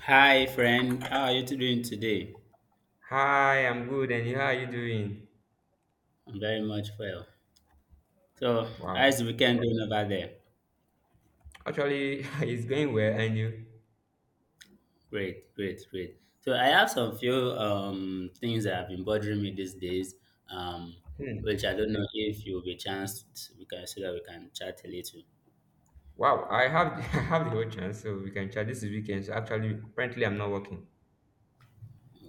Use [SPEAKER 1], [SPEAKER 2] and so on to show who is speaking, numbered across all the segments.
[SPEAKER 1] Hi, friend. How are you doing today?
[SPEAKER 2] Hi, I'm good, and you, how are you doing?
[SPEAKER 1] I'm very much well. So,
[SPEAKER 2] Wow.
[SPEAKER 1] how's the weekend doing over there?
[SPEAKER 2] Actually, it's going well, and you?
[SPEAKER 1] Great, great, great. So, I have some few things that have been bothering me these days, um,
[SPEAKER 2] Hmm.
[SPEAKER 1] which I don't know if you'll be chanced. We can so that we can chat a little.
[SPEAKER 2] Wow, I have I have the whole chance, so we can chat this is weekend. So actually, apparently, I'm not working.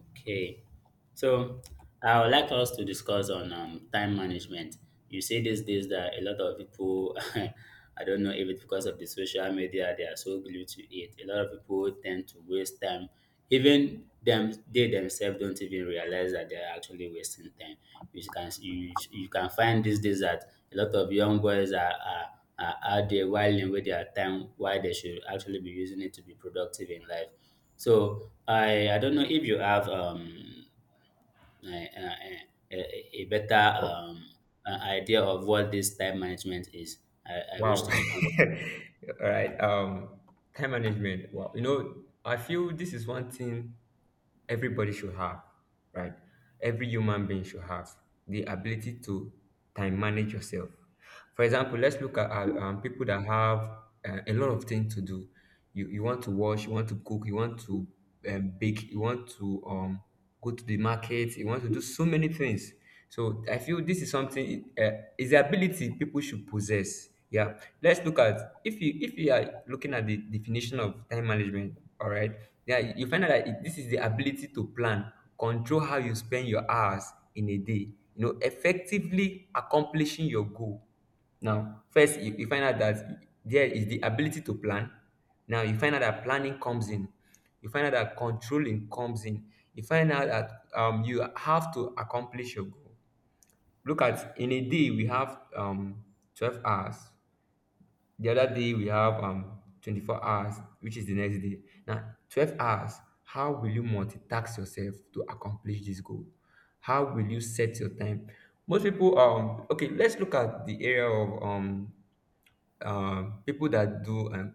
[SPEAKER 1] Okay, so I would like us to discuss on time management. You see these days that a lot of people, I don't know if it's because of the social media, they are so glued to it. A lot of people tend to waste time. Even them, they themselves don't even realize that they are actually wasting time. You can find these days that a lot of young boys are out there whiling with their time, while they should actually be using it to be productive in life. So I don't know if you have a, a, a better
[SPEAKER 2] Oh,
[SPEAKER 1] idea of what this time management is. I wish
[SPEAKER 2] wow.
[SPEAKER 1] to be put.
[SPEAKER 2] All right. Time management. Wow. You know, I feel this is one thing everybody should have, right? Every human being should have the ability to time manage yourself. For example, let's look at people that have a lot of things to do. You want to wash, you want to cook, you want to bake, you want to go to the market, you want to do so many things. So I feel this is something is the ability people should possess. Yeah, let's look at if you are looking at the definition of time management. All right, yeah, you find out that this is the ability to plan, control how you spend your hours in a day. You know, effectively accomplishing your goal. Now, first you find out that there is the ability to plan. Now you find out that planning comes in. You find out that controlling comes in. You find out that you have to accomplish your goal. Look at in a day we have 12 hours. The other day we have 24 hours, which is the next day. Now, 12 hours, how will you multitask yourself to accomplish this goal? How will you set your time? Most people okay, let's look at the area of people that do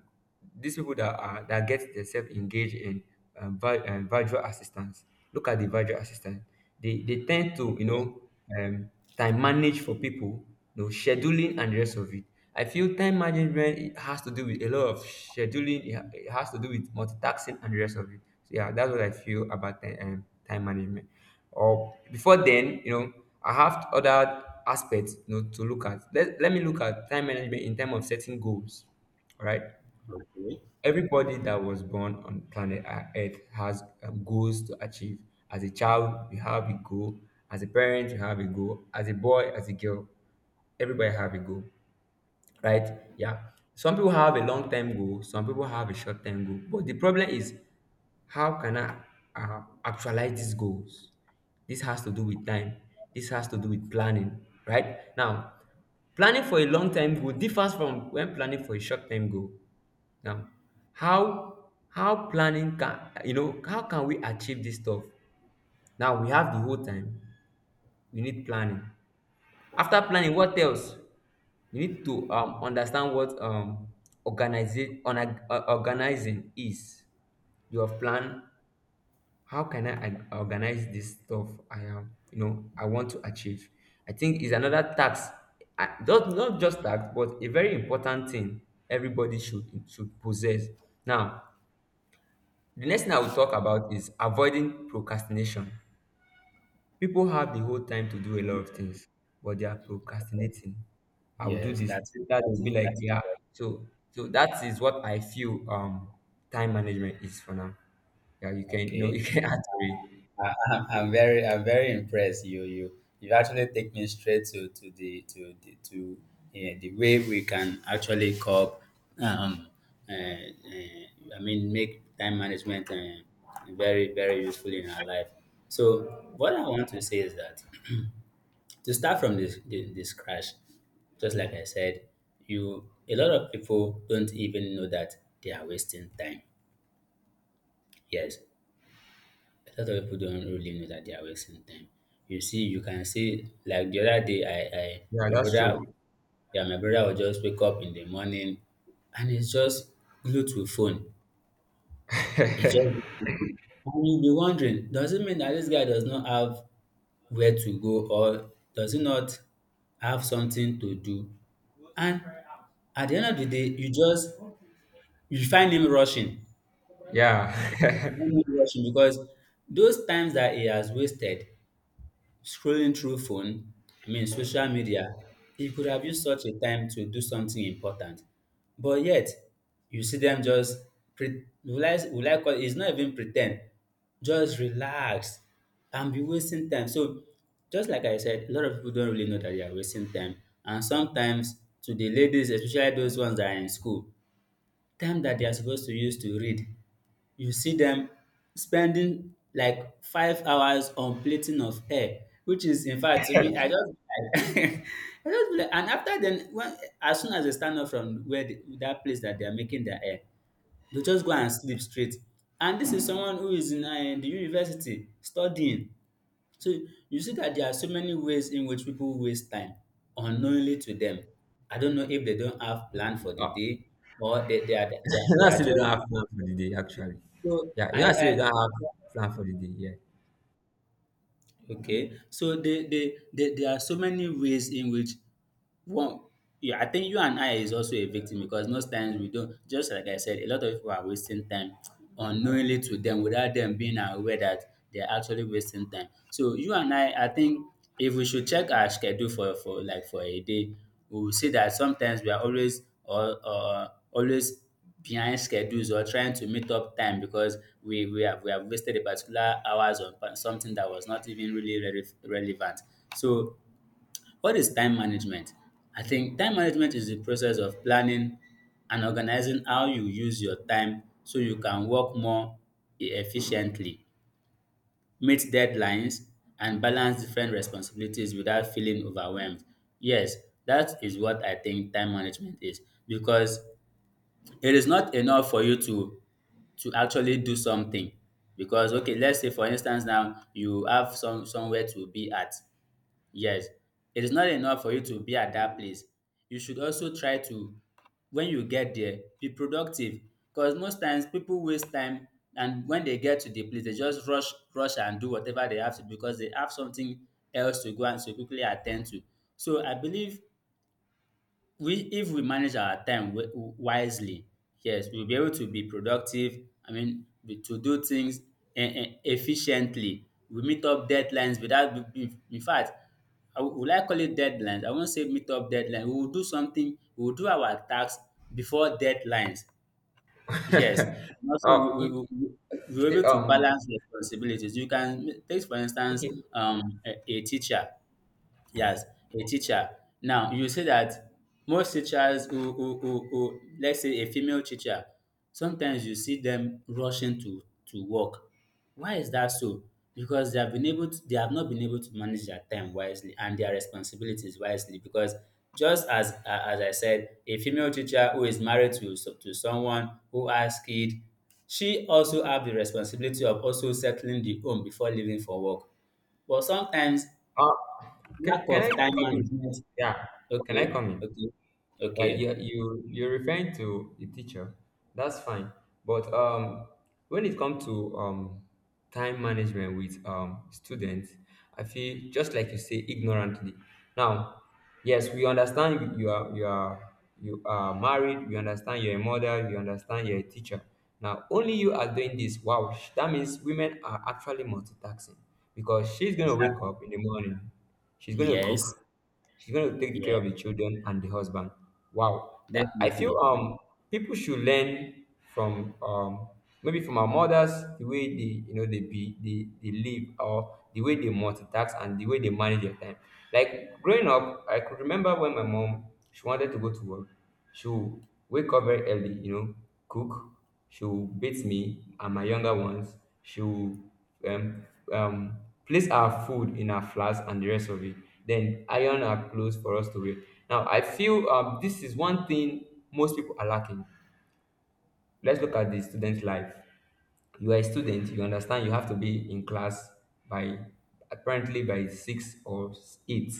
[SPEAKER 2] these people that are that get themselves engaged in virtual assistants, look at the virtual assistant. They tend to, you know, um, time manage for people, you know, scheduling and the rest of it. I feel time management, it has to do with a lot of scheduling, it has to do with multitasking and the rest of it. So yeah, that's what I feel about time management. Or before then, you know, I have other aspects, you know, to look at. Let me look at time management in terms of setting goals. All right,
[SPEAKER 1] Yes,
[SPEAKER 2] everybody that was born on planet earth has goals to achieve. As a child we have a goal, as a parent we have a goal, as a boy, as a girl, everybody have a goal, right? Yeah. Some people have a long term goal, some people have a short term goal. But the problem is, how can I actualize these goals? This has to do with time. This has to do with planning, right? Now, planning for a long term goal differs from when planning for a short term goal. Now, how planning can, you know, how can we achieve this stuff? Now we have the whole time. We need planning. After planning, what else? You need to understand what organizing is. You have plan. How can I organize this stuff? I am, you know, I want to achieve. I think is another tax. Not just tax, but a very important thing everybody should possess. Now, the next thing I will talk about is avoiding procrastination. People have the whole time to do a lot of things, but they are procrastinating. I'll do
[SPEAKER 1] yes,
[SPEAKER 2] this.
[SPEAKER 1] that's it.
[SPEAKER 2] That will
[SPEAKER 1] That's
[SPEAKER 2] be
[SPEAKER 1] it.
[SPEAKER 2] like,
[SPEAKER 1] That's it.
[SPEAKER 2] yeah. So, so that is what I feel. Time management is for now. Yeah, you can, you know, you
[SPEAKER 1] Okay.
[SPEAKER 2] can add to it.
[SPEAKER 1] I'm very impressed. You actually take me straight to the way we can actually cope. Um, uh, uh, I mean, make time management very, very useful in our life. So, what I want to say is that to start from this crash, just like I said, you a lot of people don't even know that they are wasting time. Yes, a lot of people don't really know that they are wasting time. You see, you can see like the other day, I
[SPEAKER 2] Yeah,
[SPEAKER 1] my
[SPEAKER 2] that's
[SPEAKER 1] brother
[SPEAKER 2] true.
[SPEAKER 1] yeah, my brother will just wake up in the morning, and it's just glued to phone. It's just glued to phone. And you'll be wondering, does it mean that this guy does not have where to go, or does he not have something to do? And at the end of the day, you find him rushing.
[SPEAKER 2] Yeah.
[SPEAKER 1] You find him rushing because those times that he has wasted scrolling through phone, I mean social media, he could have used such a time to do something important. But yet, you see them just will I call it, it's not even pretend, just relax and be wasting time. So just like I said, a lot of people don't really know that they are wasting time. And sometimes to the ladies, especially those ones that are in school, time that they are supposed to use to read, you see them spending like 5 hours on plating of hair, which is in fact, to me, I just I just be like, and after then, when as soon as they stand up from where the that place that they are making their hair, they just go and sleep straight. And this is someone who is in the university studying. So you see that there are so many ways in which people waste time unknowingly to them. I don't know if they don't have plan for the
[SPEAKER 2] Oh,
[SPEAKER 1] day, or they, they are they are,
[SPEAKER 2] you know, I
[SPEAKER 1] they are
[SPEAKER 2] say
[SPEAKER 1] just.
[SPEAKER 2] they don't have plan for the day, actually.
[SPEAKER 1] So
[SPEAKER 2] Yeah, you know, I say they
[SPEAKER 1] I
[SPEAKER 2] don't have plan for the day.
[SPEAKER 1] Okay, so there are so many ways in which one, yeah, I think you and I is also a victim, because most times we don't, just like I said, a lot of people are wasting time unknowingly to them without them being aware that they're actually wasting time. So, you and I think if we should check our schedule for like for a day, we will see that sometimes we are always, or always behind schedules, or trying to meet up time because we have wasted a particular hours on something that was not even really relevant. So what is time management? I think time management is the process of planning and organizing how you use your time, so you can work more efficiently, meet deadlines, and balance different responsibilities without feeling overwhelmed. Yes, that is what I think time management is, because it is not enough for you to actually do something. Because, okay, let's say for instance, now you have somewhere to be at. Yes, it is not enough for you to be at that place. You should also try to, when you get there, be productive. Because most times people waste time, and when they get to the place, they just rush, rush and do whatever they have to because they have something else to go and to quickly attend to. So, I believe we if we manage our time wisely, yes, we'll be able to be productive, I mean, to do things efficiently, we meet up deadlines, without, in fact, will I call it deadlines, I won't say meet up deadline, we will do our tasks before deadlines. Yes.
[SPEAKER 2] Yeah.
[SPEAKER 1] And also
[SPEAKER 2] Oh, you- you
[SPEAKER 1] we're
[SPEAKER 2] say,
[SPEAKER 1] able to balance responsibilities. You can take for instance,
[SPEAKER 2] okay.
[SPEAKER 1] a teacher. Yes, a teacher. Now you say that most teachers who let's say a female teacher, sometimes you see them rushing to work. Why is that so? Because they have not been able to manage their time wisely and their responsibilities wisely. Because, just as I said, a female teacher who is married to to someone who has kid, she also have the responsibility of also settling the home before leaving for work. But sometimes
[SPEAKER 2] Uh,
[SPEAKER 1] lack
[SPEAKER 2] can I
[SPEAKER 1] of time
[SPEAKER 2] come in?
[SPEAKER 1] management.
[SPEAKER 2] Yeah. Can
[SPEAKER 1] Okay,
[SPEAKER 2] I come in?
[SPEAKER 1] okay,
[SPEAKER 2] Like
[SPEAKER 1] okay.
[SPEAKER 2] you're referring to the teacher, that's fine. But when it comes to time management with students, I feel just like you say, ignorantly. Now, yes, we understand you are married, we understand you're a mother, we understand you're a teacher. Now only you are doing this. Wow. That means women are actually multitasking, because she's going to wake
[SPEAKER 1] Exactly.
[SPEAKER 2] up in the morning, she's going to
[SPEAKER 1] Yes,
[SPEAKER 2] cook, she's going to take
[SPEAKER 1] yeah,
[SPEAKER 2] care of the children and the husband. Wow. That- I feel
[SPEAKER 1] definitely.
[SPEAKER 2] people should learn from maybe from our mothers, the way they, you know, they live, or the way they multitask and the way they manage their time. Like growing up, I could remember when my mom, she wanted to go to work. She will wake up very early, you know, cook. She will bathe me and my younger ones. She will um, um, place our food in our flask and the rest of it. Then iron our clothes for us to wear. Now, I feel this is one thing most people are lacking. Let's look at the student life. You are a student. You understand. You have to be in class by, apparently, by six or eight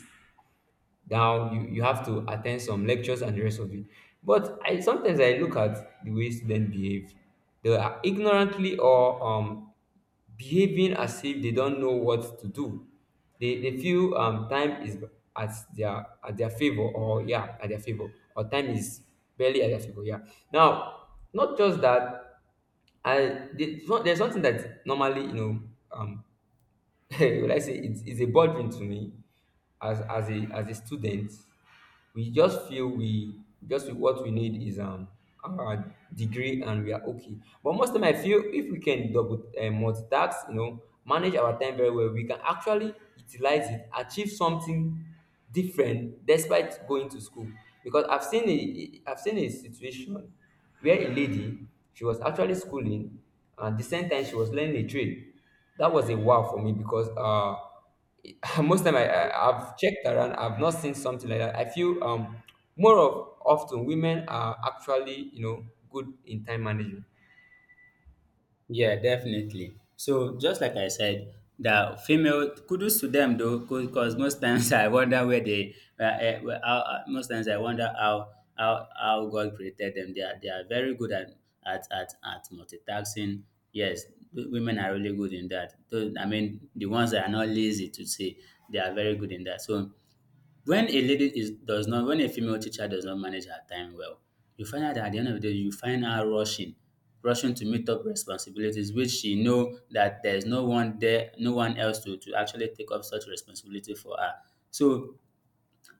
[SPEAKER 2] down. You you have to attend some lectures and the rest of it. But I sometimes I look at the way students behave. They are ignorantly, or behaving as if they don't know what to do. They feel time is at their favor, or yeah, at their favor, or time is barely at their favor. Yeah. Now, not just that. There's something that normally, you know, um would I say it's a burden to me as a student. We just feel we just feel what we need is our degree and we are okay. But most time I feel if we can double multitask, you know, manage our time very well, we can actually utilize it, achieve something different despite going to school. Because I've seen a situation where a lady, she was actually schooling and the same time she was learning a trade. That was a wow for me, because most time I've checked around, I've not seen something like that. I feel more of, often women are actually, you know, good in time management.
[SPEAKER 1] Yeah, definitely. So, just like I said, the female, kudos to them though, because most times I wonder where well, most times I wonder how God created them. They are very good at multitasking. Yes, women are really good in that. Though, I mean, the ones that are not lazy to say, they are very good in that. So, when a lady is does not, when a female teacher does not manage her time well, you find out that at the end of the day, you find her rushing, rushing to meet up responsibilities which she know that there's no one there, no one else to actually take up such responsibility for her. So,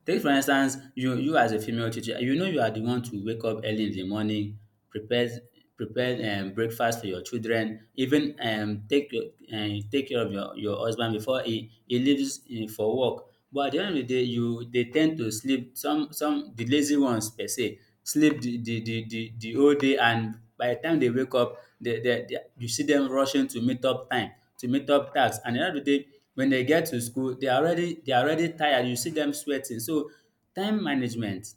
[SPEAKER 1] take for instance, you as a female teacher, you know you are the one to wake up early in the morning, prepare prepare breakfast for your children, even take take care of your husband before he leaves for work. But at the end of the day, you they tend to sleep. Some the lazy ones per se sleep the whole day, and by the time they wake up, you see them rushing to meet up time, to meet up tasks. And at the end of the day, when they get to school, they are already tired. You see them sweating. So, time management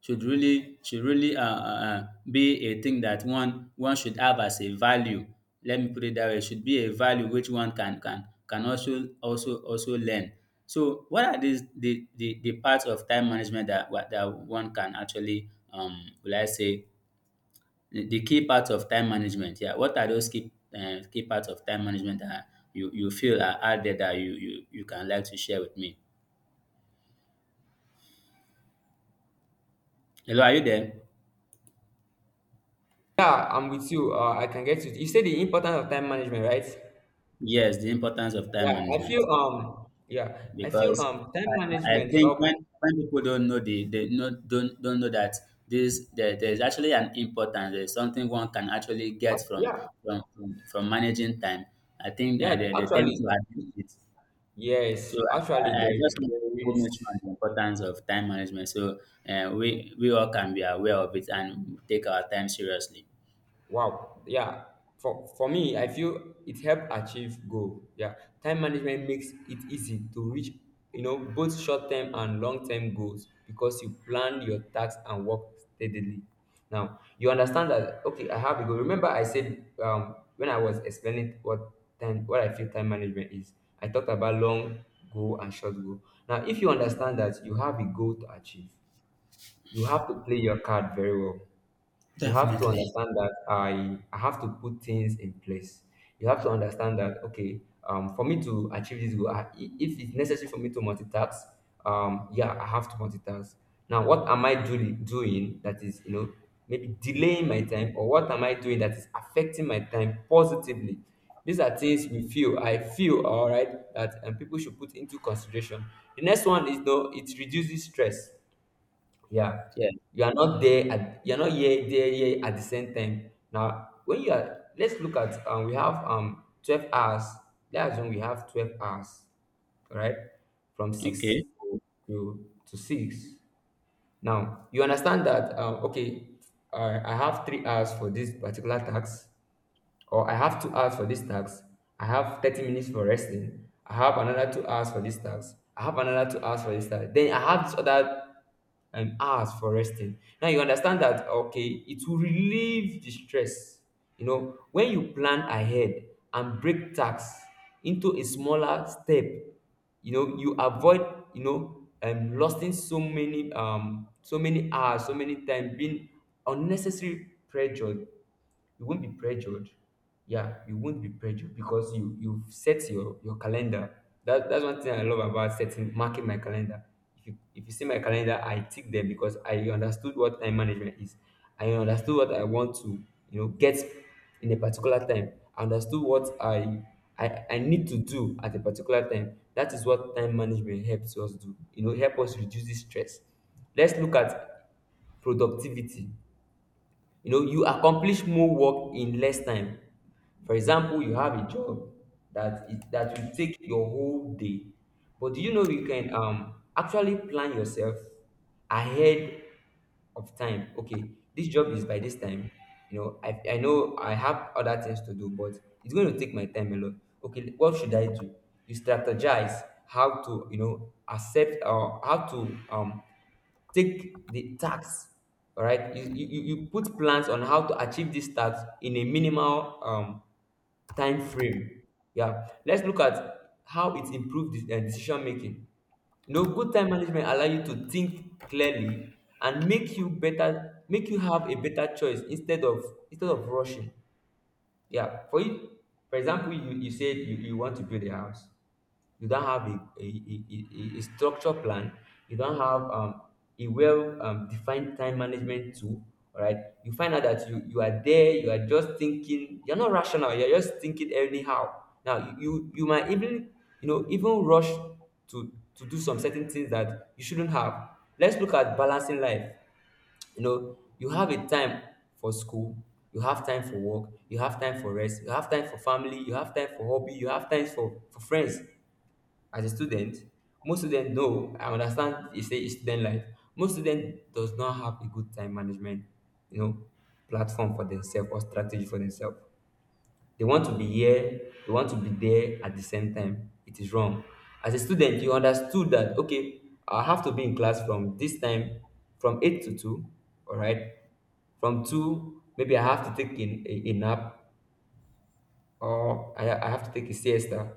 [SPEAKER 1] should really be a thing that one should have as a value. Let me put it that way. It should be a value which one can also learn. So, what are the parts of time management that, that one can actually, will I say, the key parts of time management, yeah. What are those key, key parts of time management that you feel are out there, that you can like to share with me? Hello, are you there?
[SPEAKER 2] Yeah, I'm with you. I can get you. You said the importance of time management, right?
[SPEAKER 1] Yes, the importance of time management,
[SPEAKER 2] Yeah, I feel
[SPEAKER 1] because
[SPEAKER 2] time
[SPEAKER 1] I
[SPEAKER 2] management
[SPEAKER 1] think when,
[SPEAKER 2] help.
[SPEAKER 1] people don't know the, they know, don't know that there's actually an importance there's something one can actually get
[SPEAKER 2] Yeah,
[SPEAKER 1] from managing time. I think
[SPEAKER 2] yeah,
[SPEAKER 1] they tend to
[SPEAKER 2] actually,
[SPEAKER 1] admit it.
[SPEAKER 2] yes,
[SPEAKER 1] So,
[SPEAKER 2] actually
[SPEAKER 1] I
[SPEAKER 2] there, is
[SPEAKER 1] just want
[SPEAKER 2] there
[SPEAKER 1] to mention
[SPEAKER 2] is.
[SPEAKER 1] the importance of time management. So we all can be aware of it and take our time seriously.
[SPEAKER 2] Wow. Yeah. For me, I feel it helped achieve goal. Yeah. Time management makes it easy to reach, you know, both short-term and long-term goals, because you plan your tasks and work steadily. Now, you understand that okay, I have a goal. Remember I said when I was explaining what time what I feel time management is, I talked about long goal and short goal. Now, if you understand that you have a goal to achieve, you have to play your card very well. You have to
[SPEAKER 1] Definitely.
[SPEAKER 2] understand that I have to put things in place. You have to understand that okay, for me to achieve this goal, if it's necessary for me to multitask, yeah, I have to multitask. Now, what am doing that is, you know, maybe delaying my time, or what am I doing that is affecting my time positively? These are things we feel. I feel all right that people should put into consideration. The next one is though it reduces stress. Yeah,
[SPEAKER 1] Yeah.
[SPEAKER 2] you are not there at, you're not here there here at the same time. Now, when you are, let's look at, we have 12 hours. That's when we have 12 hours, right? From six
[SPEAKER 1] Okay.
[SPEAKER 2] to to six. Now you understand that okay, I have 3 hours for this particular tax. Or I have 2 hours for this task. I have 30 minutes for resting. I have another 2 hours for this task. I have another 2 hours for this task. Then I have this other hours for resting. Now you understand that okay, it will relieve the stress. You know, when you plan ahead and break tasks into a smaller step, you know, you avoid, you know, losing so many so many hours, so many time, being unnecessary pressure. You won't be pressured. Yeah, you won't be pressured because you've set your calendar. That's one thing I love about setting marking my calendar. If you see my calendar, I tick them because I understood what time management is. I understood what I want to, you know, get in a particular time. I understood what I need to do at a particular time. That is what time management helps us do. You know, help us reduce the stress. Let's look at productivity. You know, you accomplish more work in less time. For example, you have a job that is that will take your whole day. But do you know you can actually plan yourself ahead of time. Okay, this job is by this time, you know, I know I have other things to do, but it's going to take my time a lot. Okay, what should I do? You strategize how to, you know, accept or how to take the tax. All right, you put plans on how to achieve this tax in a minimal time frame. Yeah, let's look at how it improved the decision making. You know, good time management allow you to think clearly and make you better, make you have a better choice instead of rushing. Yeah, for you, for example, you said you want to build a house. You don't have a structure plan. You don't have a well defined time management tool. All right. You find out that you are there, you are just thinking, you're not rational, you're just thinking anyhow. Now, you might even, you know, even rush to, to do some certain things that you shouldn't have. Let's look at balancing life. You know, you have a time for school, you have time for work, you have time for rest, you have time for family, you have time for hobby, you have time for friends. As a student, most students know, I understand it's a it's student life. Most students does not have a good time management, you know, platform for themselves or strategy for themselves. They want to be here, they want to be there at the same time. It is wrong. As a student, you understood that, okay, I have to be in class from this time, from 8 to 2, all right? From 2, maybe I have to take in, a nap or I have to take a siesta,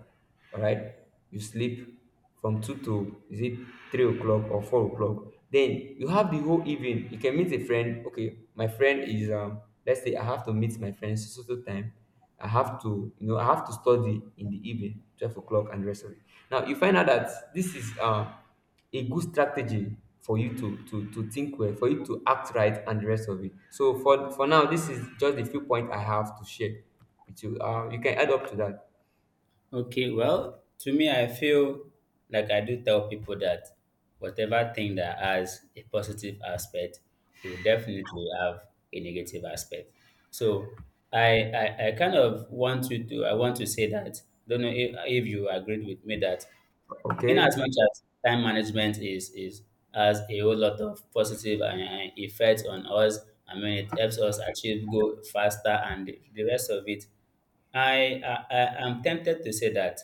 [SPEAKER 2] all right? You sleep from 2 to, is it 3 o'clock or 4 o'clock? Then you have the whole evening. You can meet a friend. Okay, my friend is, let's say I have to meet my friends so so so time. I have to, you know, I have to study in the evening, 12 o'clock and the rest of it. Now, you find out that this is, a good strategy for you to think well, for you to act right, and the rest of it. So for now, this is just the few points I have to share with you. You can add up to that.
[SPEAKER 1] Okay. Well, to me, I feel like I do tell people that whatever thing that has a positive aspect will definitely have a negative aspect. So, I kind of want you to I want to say that, don't know if you agreed with me that, in as
[SPEAKER 2] Okay.
[SPEAKER 1] much as time management is has a whole lot of positive effects on us, I mean, it helps us achieve go faster, and the rest of it, I am tempted to say that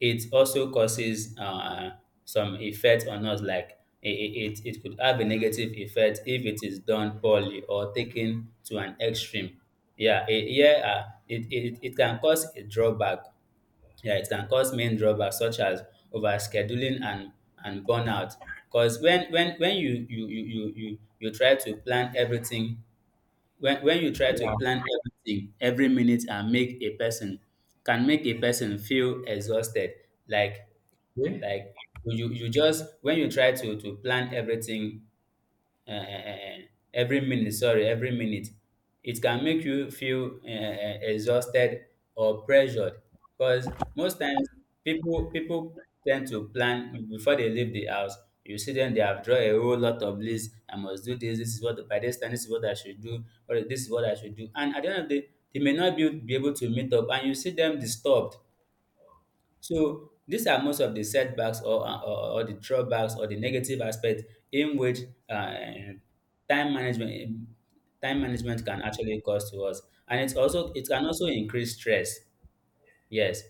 [SPEAKER 1] it also causes some effect on us, like it could have a negative effect if it is done poorly or taken to an extreme. Yeah, it can cause a drawback. Yeah, it can cause main drawbacks such as overscheduling and burnout. Because when you try to plan everything, when you try to
[SPEAKER 2] Yeah.
[SPEAKER 1] plan everything every minute, and make a person can make a person feel exhausted. Like
[SPEAKER 2] Okay.
[SPEAKER 1] like you you you just when you try to plan everything, um every minute, sorry, every minute, it can make you feel exhausted or pressured, because most times, people tend to plan before they leave the house. You see them, they have draw a whole lot of list. I must do this. This is what by this time, this is what I should do, or this is what I should do, and at the end of the day they may not be able to meet up, and you see them disturbed. So these are most of the setbacks or the drawbacks or the negative aspect in which, uh, time management time management can actually cause to us. And it can also increase stress. Yes,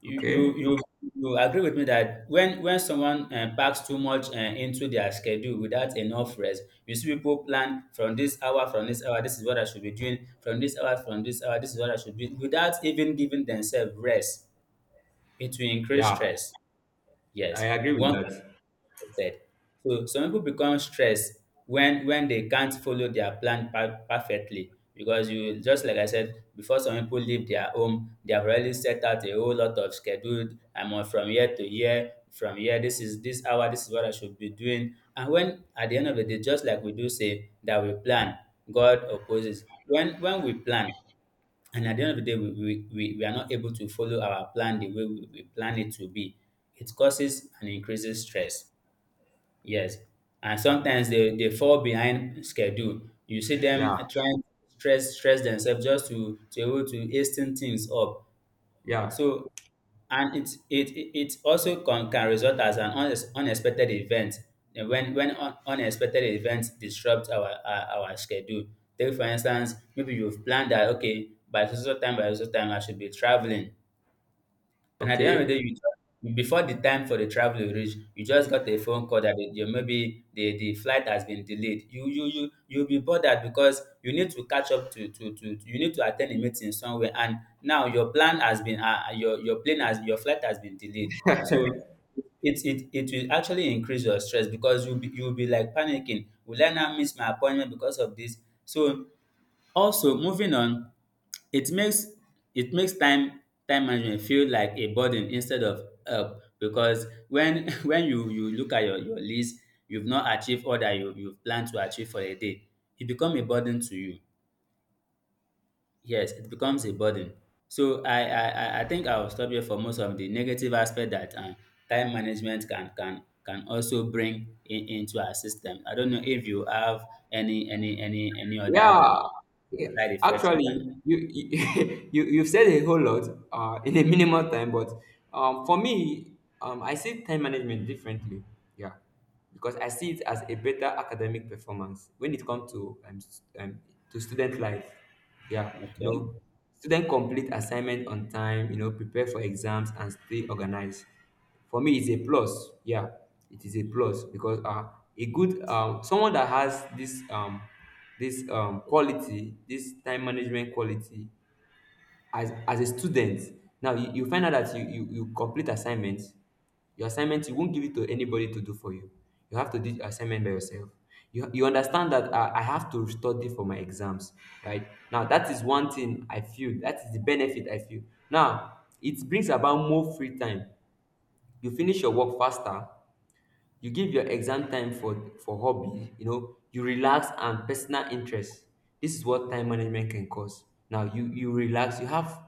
[SPEAKER 1] you you
[SPEAKER 2] Okay.
[SPEAKER 1] you, you agree with me that when someone, packs too much, into their schedule without enough rest. You see people plan from this hour, this is what I should be doing, from this hour, this is what I should be, without even giving themselves rest. It will increase
[SPEAKER 2] Yeah.
[SPEAKER 1] stress.
[SPEAKER 2] I
[SPEAKER 1] Yes,
[SPEAKER 2] agree with
[SPEAKER 1] one
[SPEAKER 2] that.
[SPEAKER 1] can said. So some people become stressed when they can't follow their plan perfectly, because you, just like I said before, some people leave their home, they have already set out a whole lot of schedule. I'm on from here to here, from here, this is this hour, this is what I should be doing. And when, at the end of the day, just like we do say that we plan, God opposes when we plan, and at the end of the day, we are not able to follow our plan the way we plan it to be, it causes and increases stress. Yes. And sometimes, they fall behind schedule. You see them
[SPEAKER 2] Yeah.
[SPEAKER 1] trying to stress themselves just to able to hasten things up.
[SPEAKER 2] Yeah.
[SPEAKER 1] So, and it also can result as an unexpected event, when unexpected events disrupt our schedule. Take for instance, maybe you've planned that, okay, by so so time, by so so time I should be traveling. And at the end of the day, you
[SPEAKER 2] Okay.
[SPEAKER 1] just, before the time for the travel you reach, you just got a phone call that maybe the flight has been delayed. You'll be bothered because you need to catch up to you need to attend a meeting somewhere, and now your flight has been delayed. So it will actually increase your stress because you'll be like panicking. Will I now miss my appointment because of this? So also, moving on, it makes it makes time management feel like a burden instead of help because when when you look at your list, you've not achieved all that you plan to achieve for a day. It become a burden to you. Yes, it becomes a burden. So I think I will stop here for most of the negative aspect that, time management can also bring in, into our system. I don't know if you have any other,
[SPEAKER 2] Yeah, yeah,
[SPEAKER 1] side effects you can.
[SPEAKER 2] actually, you you've said a whole lot in a minimal time, but for me, I see time management differently. Yeah, because I see it as a better academic performance when it comes to to student life. Yeah, you know,
[SPEAKER 1] Okay.
[SPEAKER 2] student complete assignment on time. You know, prepare for exams and stay organized. For me, it's a plus. Yeah, it is a plus because a good someone that has this this quality, this time management quality, as a student, now you find out that you complete assignments. Your assignment you won't give it to anybody to do for you. You have to do your assignment by yourself. You understand that I have to study for my exams, right? Now that is one thing I feel. That is the benefit I feel. Now it brings about more free time. You finish your work faster. You give your exam time for hobby, you know, you relax and personal interest. This is what time management can cause. Now you relax, you have,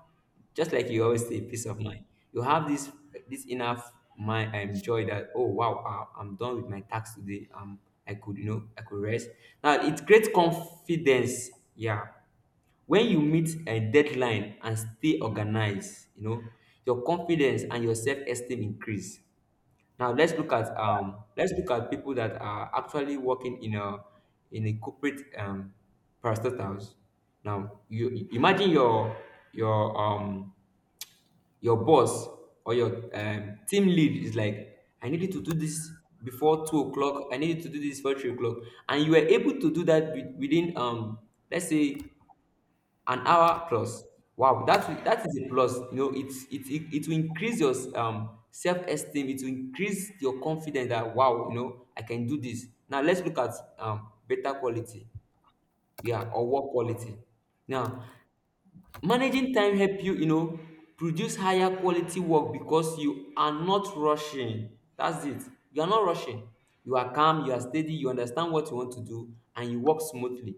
[SPEAKER 2] just like you always say, peace of mind. You have this enough mind. I enjoy that. Oh wow, I'm done with my tax today. I could, you know, I could rest. Now it creates confidence. Yeah, when you meet a deadline and stay organized, you know, your confidence and your self-esteem increase. Now let's look at people that are actually working in a, in a corporate parastatals. Now imagine your um your boss or your team lead is like, I needed to do this before 2 o'clock. I needed to do this before 3 o'clock, and you were able to do that within let's say an hour plus. Wow, that is a plus. You know, it will increase your self-esteem, it will increase your confidence that wow, you know, I can do this. Now let's look at better quality, yeah, or work quality. Now, managing time help you, you know, produce higher quality work because you are not rushing. That's it. You are not rushing. You are calm, you are steady, you understand what you want to do, and you work smoothly.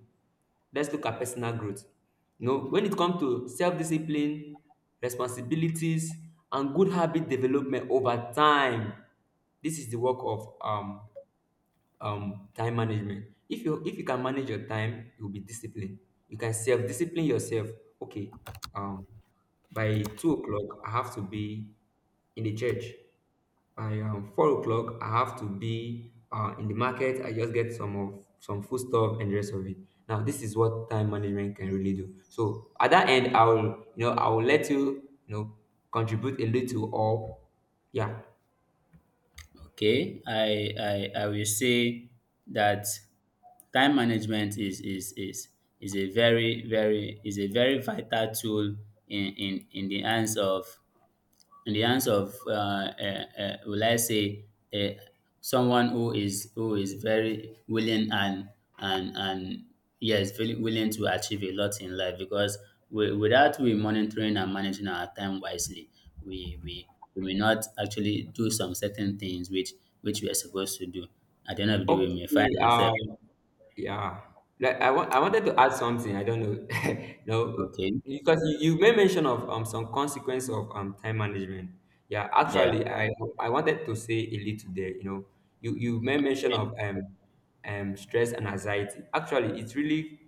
[SPEAKER 2] Let's look at personal growth. You know, when it comes to self-discipline, responsibilities, and good habit development over time, this is the work of time management. If you if you can manage your time, you'll be disciplined. You can self-discipline yourself. Okay, um by 2 o'clock I have to be in the church. By 4 o'clock I have to be in the market. I just get some food stuff and the rest of it. Now this is what time management can really do. So at that end, I'll you know, I'll let you, you know, contribute a little or yeah.
[SPEAKER 1] Okay. I, I will say that time management is a very vital tool in the hands of, in the hands of uh, will I say, uh, someone who is very willing, and yes, very willing to achieve a lot in life, because we, without we monitoring and managing our time wisely, we we we may not actually do some certain things which we are supposed to do. At the end of the day we may find
[SPEAKER 2] Okay.
[SPEAKER 1] ourselves.
[SPEAKER 2] Yeah, like I wanted to add something. I don't know, no,
[SPEAKER 1] Okay.
[SPEAKER 2] because you made mention of some consequence of time management. Yeah,
[SPEAKER 1] There.
[SPEAKER 2] actually, I wanted to say a little there. You know, you made mention
[SPEAKER 1] Okay,
[SPEAKER 2] of stress and anxiety. Actually, it's really,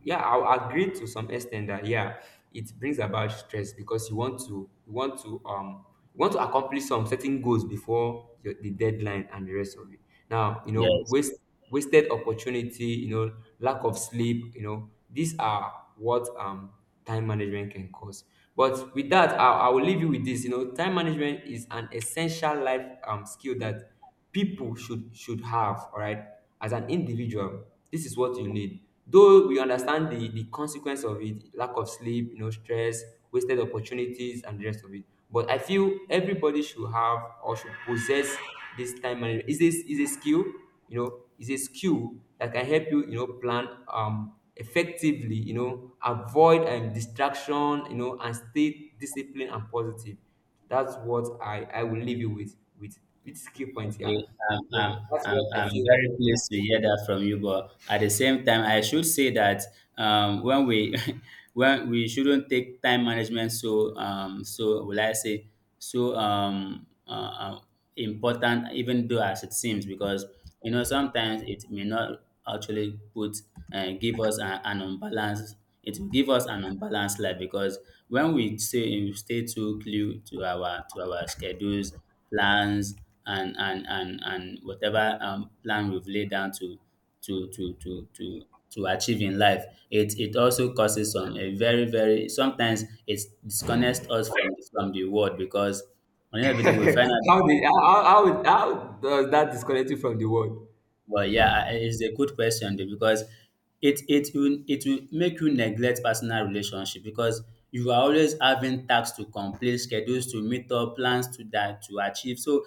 [SPEAKER 2] yeah, I'll agree to some extent that yeah, it brings about stress because you want to accomplish some certain goals before the deadline and the rest of it. Now you know
[SPEAKER 1] yes.
[SPEAKER 2] wasted opportunity, you know lack of sleep, you know these are what time management can cause. But with that, I will leave you with this. You know, time management is an essential life skill that people should have, all right, as an individual. This is what you need. Though we understand the consequence of it, lack of sleep, you know, stress, wasted opportunities and the rest of it, but I feel everybody should have or should possess this time management. Is This is a skill, you know, is a skill that can help you, you know, plan effectively, you know, avoid distraction, you know, and stay disciplined and positive. That's what I will leave you with, with this key point
[SPEAKER 1] Okay,
[SPEAKER 2] here. So that's what I
[SPEAKER 1] I'm
[SPEAKER 2] feel.
[SPEAKER 1] very pleased to hear that from you, but at the same time, I should say that, when we when we shouldn't take time management so, so, will I say, so, important, even though as it seems, because, you know, sometimes it may not actually put give us an unbalanced it will give us an unbalanced life, because when we say we stay too glued to our schedules, plans, and whatever, plan we've laid down to to to to to achieve in life, it also causes some, a very very sometimes it disconnects us from the world, because on the end of the day we find out.
[SPEAKER 2] How did how does that disconnect you from the world?
[SPEAKER 1] Well, yeah, it's a good question though, because it will make you neglect personal relationship, because you are always having tasks to complete, schedules to meet up, plans to that to achieve. So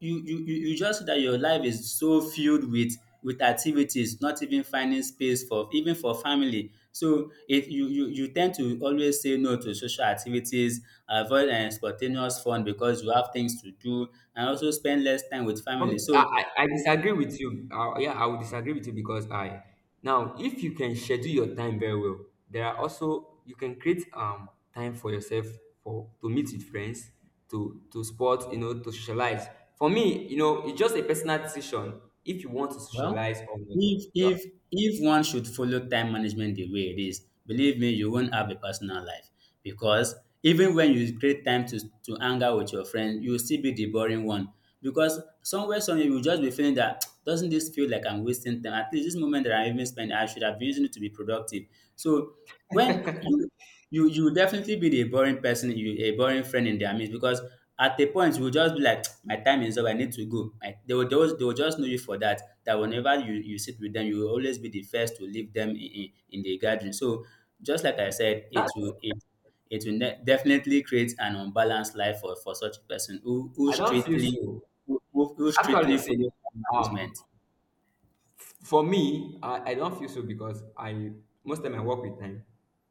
[SPEAKER 1] you just see that your life is so filled with activities, not even finding space for, even for, family. So if you you you tend to always say no to social activities, avoid spontaneous fun because you have things to do, and also spend less time with family. So,
[SPEAKER 2] I disagree with you. Yeah, I would disagree with you because I, now if you can schedule your time very well, there are also you can create time for yourself, for to meet with friends, to sport, you know, to socialize. For me, you know, it's just a personal decision if you want to
[SPEAKER 1] well,
[SPEAKER 2] socialize or not.
[SPEAKER 1] if
[SPEAKER 2] Yeah,
[SPEAKER 1] if if one should follow time management the way it is, believe me, you won't have a personal life, because even when you create time to hang out with your friend, you'll still be the boring one, because somewhere, somewhere, you'll just be feeling that, doesn't this feel like I'm wasting time? At least this moment that I even spent, I should have been using it to be productive. So when you will definitely be the boring person, you, a boring friend, in their midst because at a point you will just be like, my time is up, I need to go. Like, they will just know you for that. That whenever you sit with them, you will always be the first to leave them in the gathering. So, just like I said, it
[SPEAKER 2] that
[SPEAKER 1] will it it will ne- definitely create an unbalanced life for such a person who who
[SPEAKER 2] I don't feel
[SPEAKER 1] strictly
[SPEAKER 2] so.
[SPEAKER 1] who, who who
[SPEAKER 2] Actually,
[SPEAKER 1] strictly
[SPEAKER 2] see,
[SPEAKER 1] follows time
[SPEAKER 2] um,
[SPEAKER 1] management.
[SPEAKER 2] for me, I don't feel so because I most time I work with time.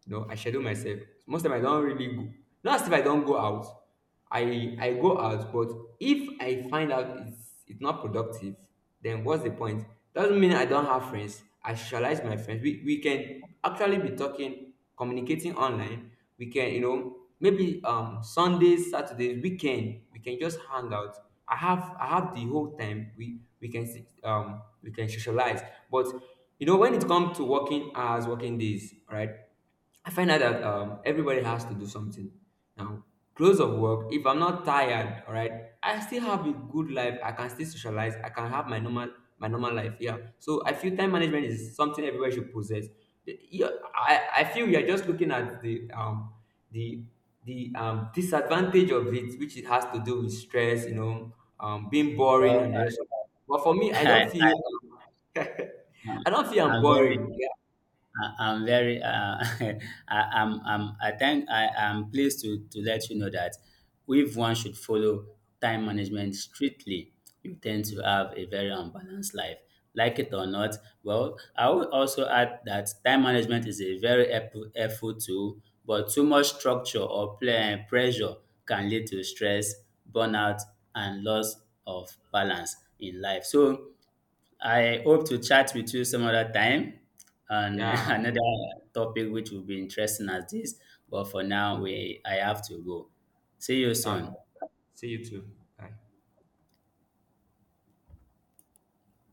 [SPEAKER 2] You know, I schedule myself. Most time I don't really go. Not as if I don't go out. I go out, but if I find out it's not productive, then what's the point? Doesn't mean I don't have friends. I socialize my friends. We can actually be talking, communicating online. We can, you know, maybe sundays, saturdays weekend, we can just hang out. I have the whole time. We can we can socialize. But you know, when it comes to working hours, working days, right, I find out that everybody has to do something. Now, close of work, if I'm not tired, all right, I still have a good life. I can still socialize. I can have my normal life. Yeah. So I feel time management is something everybody should possess. Yeah, I feel you're just looking at the the disadvantage of it, which it has to do with stress, you know, being
[SPEAKER 1] Well,
[SPEAKER 2] boring and the rest of. But for me, I
[SPEAKER 1] I,
[SPEAKER 2] don't feel I don't feel I'm
[SPEAKER 1] I'm very
[SPEAKER 2] boring.
[SPEAKER 1] I, I'm very I, I think I am pleased to let you know that if one should follow time management strictly, you tend to have a very unbalanced life. Like it or not. Well, I would also add that time management is a very helpful tool, but too much structure or pressure can lead to stress, burnout, and loss of balance in life. So I hope to chat with you some other time on
[SPEAKER 2] Yeah. Yeah.
[SPEAKER 1] another topic, which will be interesting as this. But for now, we I have to go. See you
[SPEAKER 2] Uh,
[SPEAKER 1] soon.
[SPEAKER 2] see you too. Bye.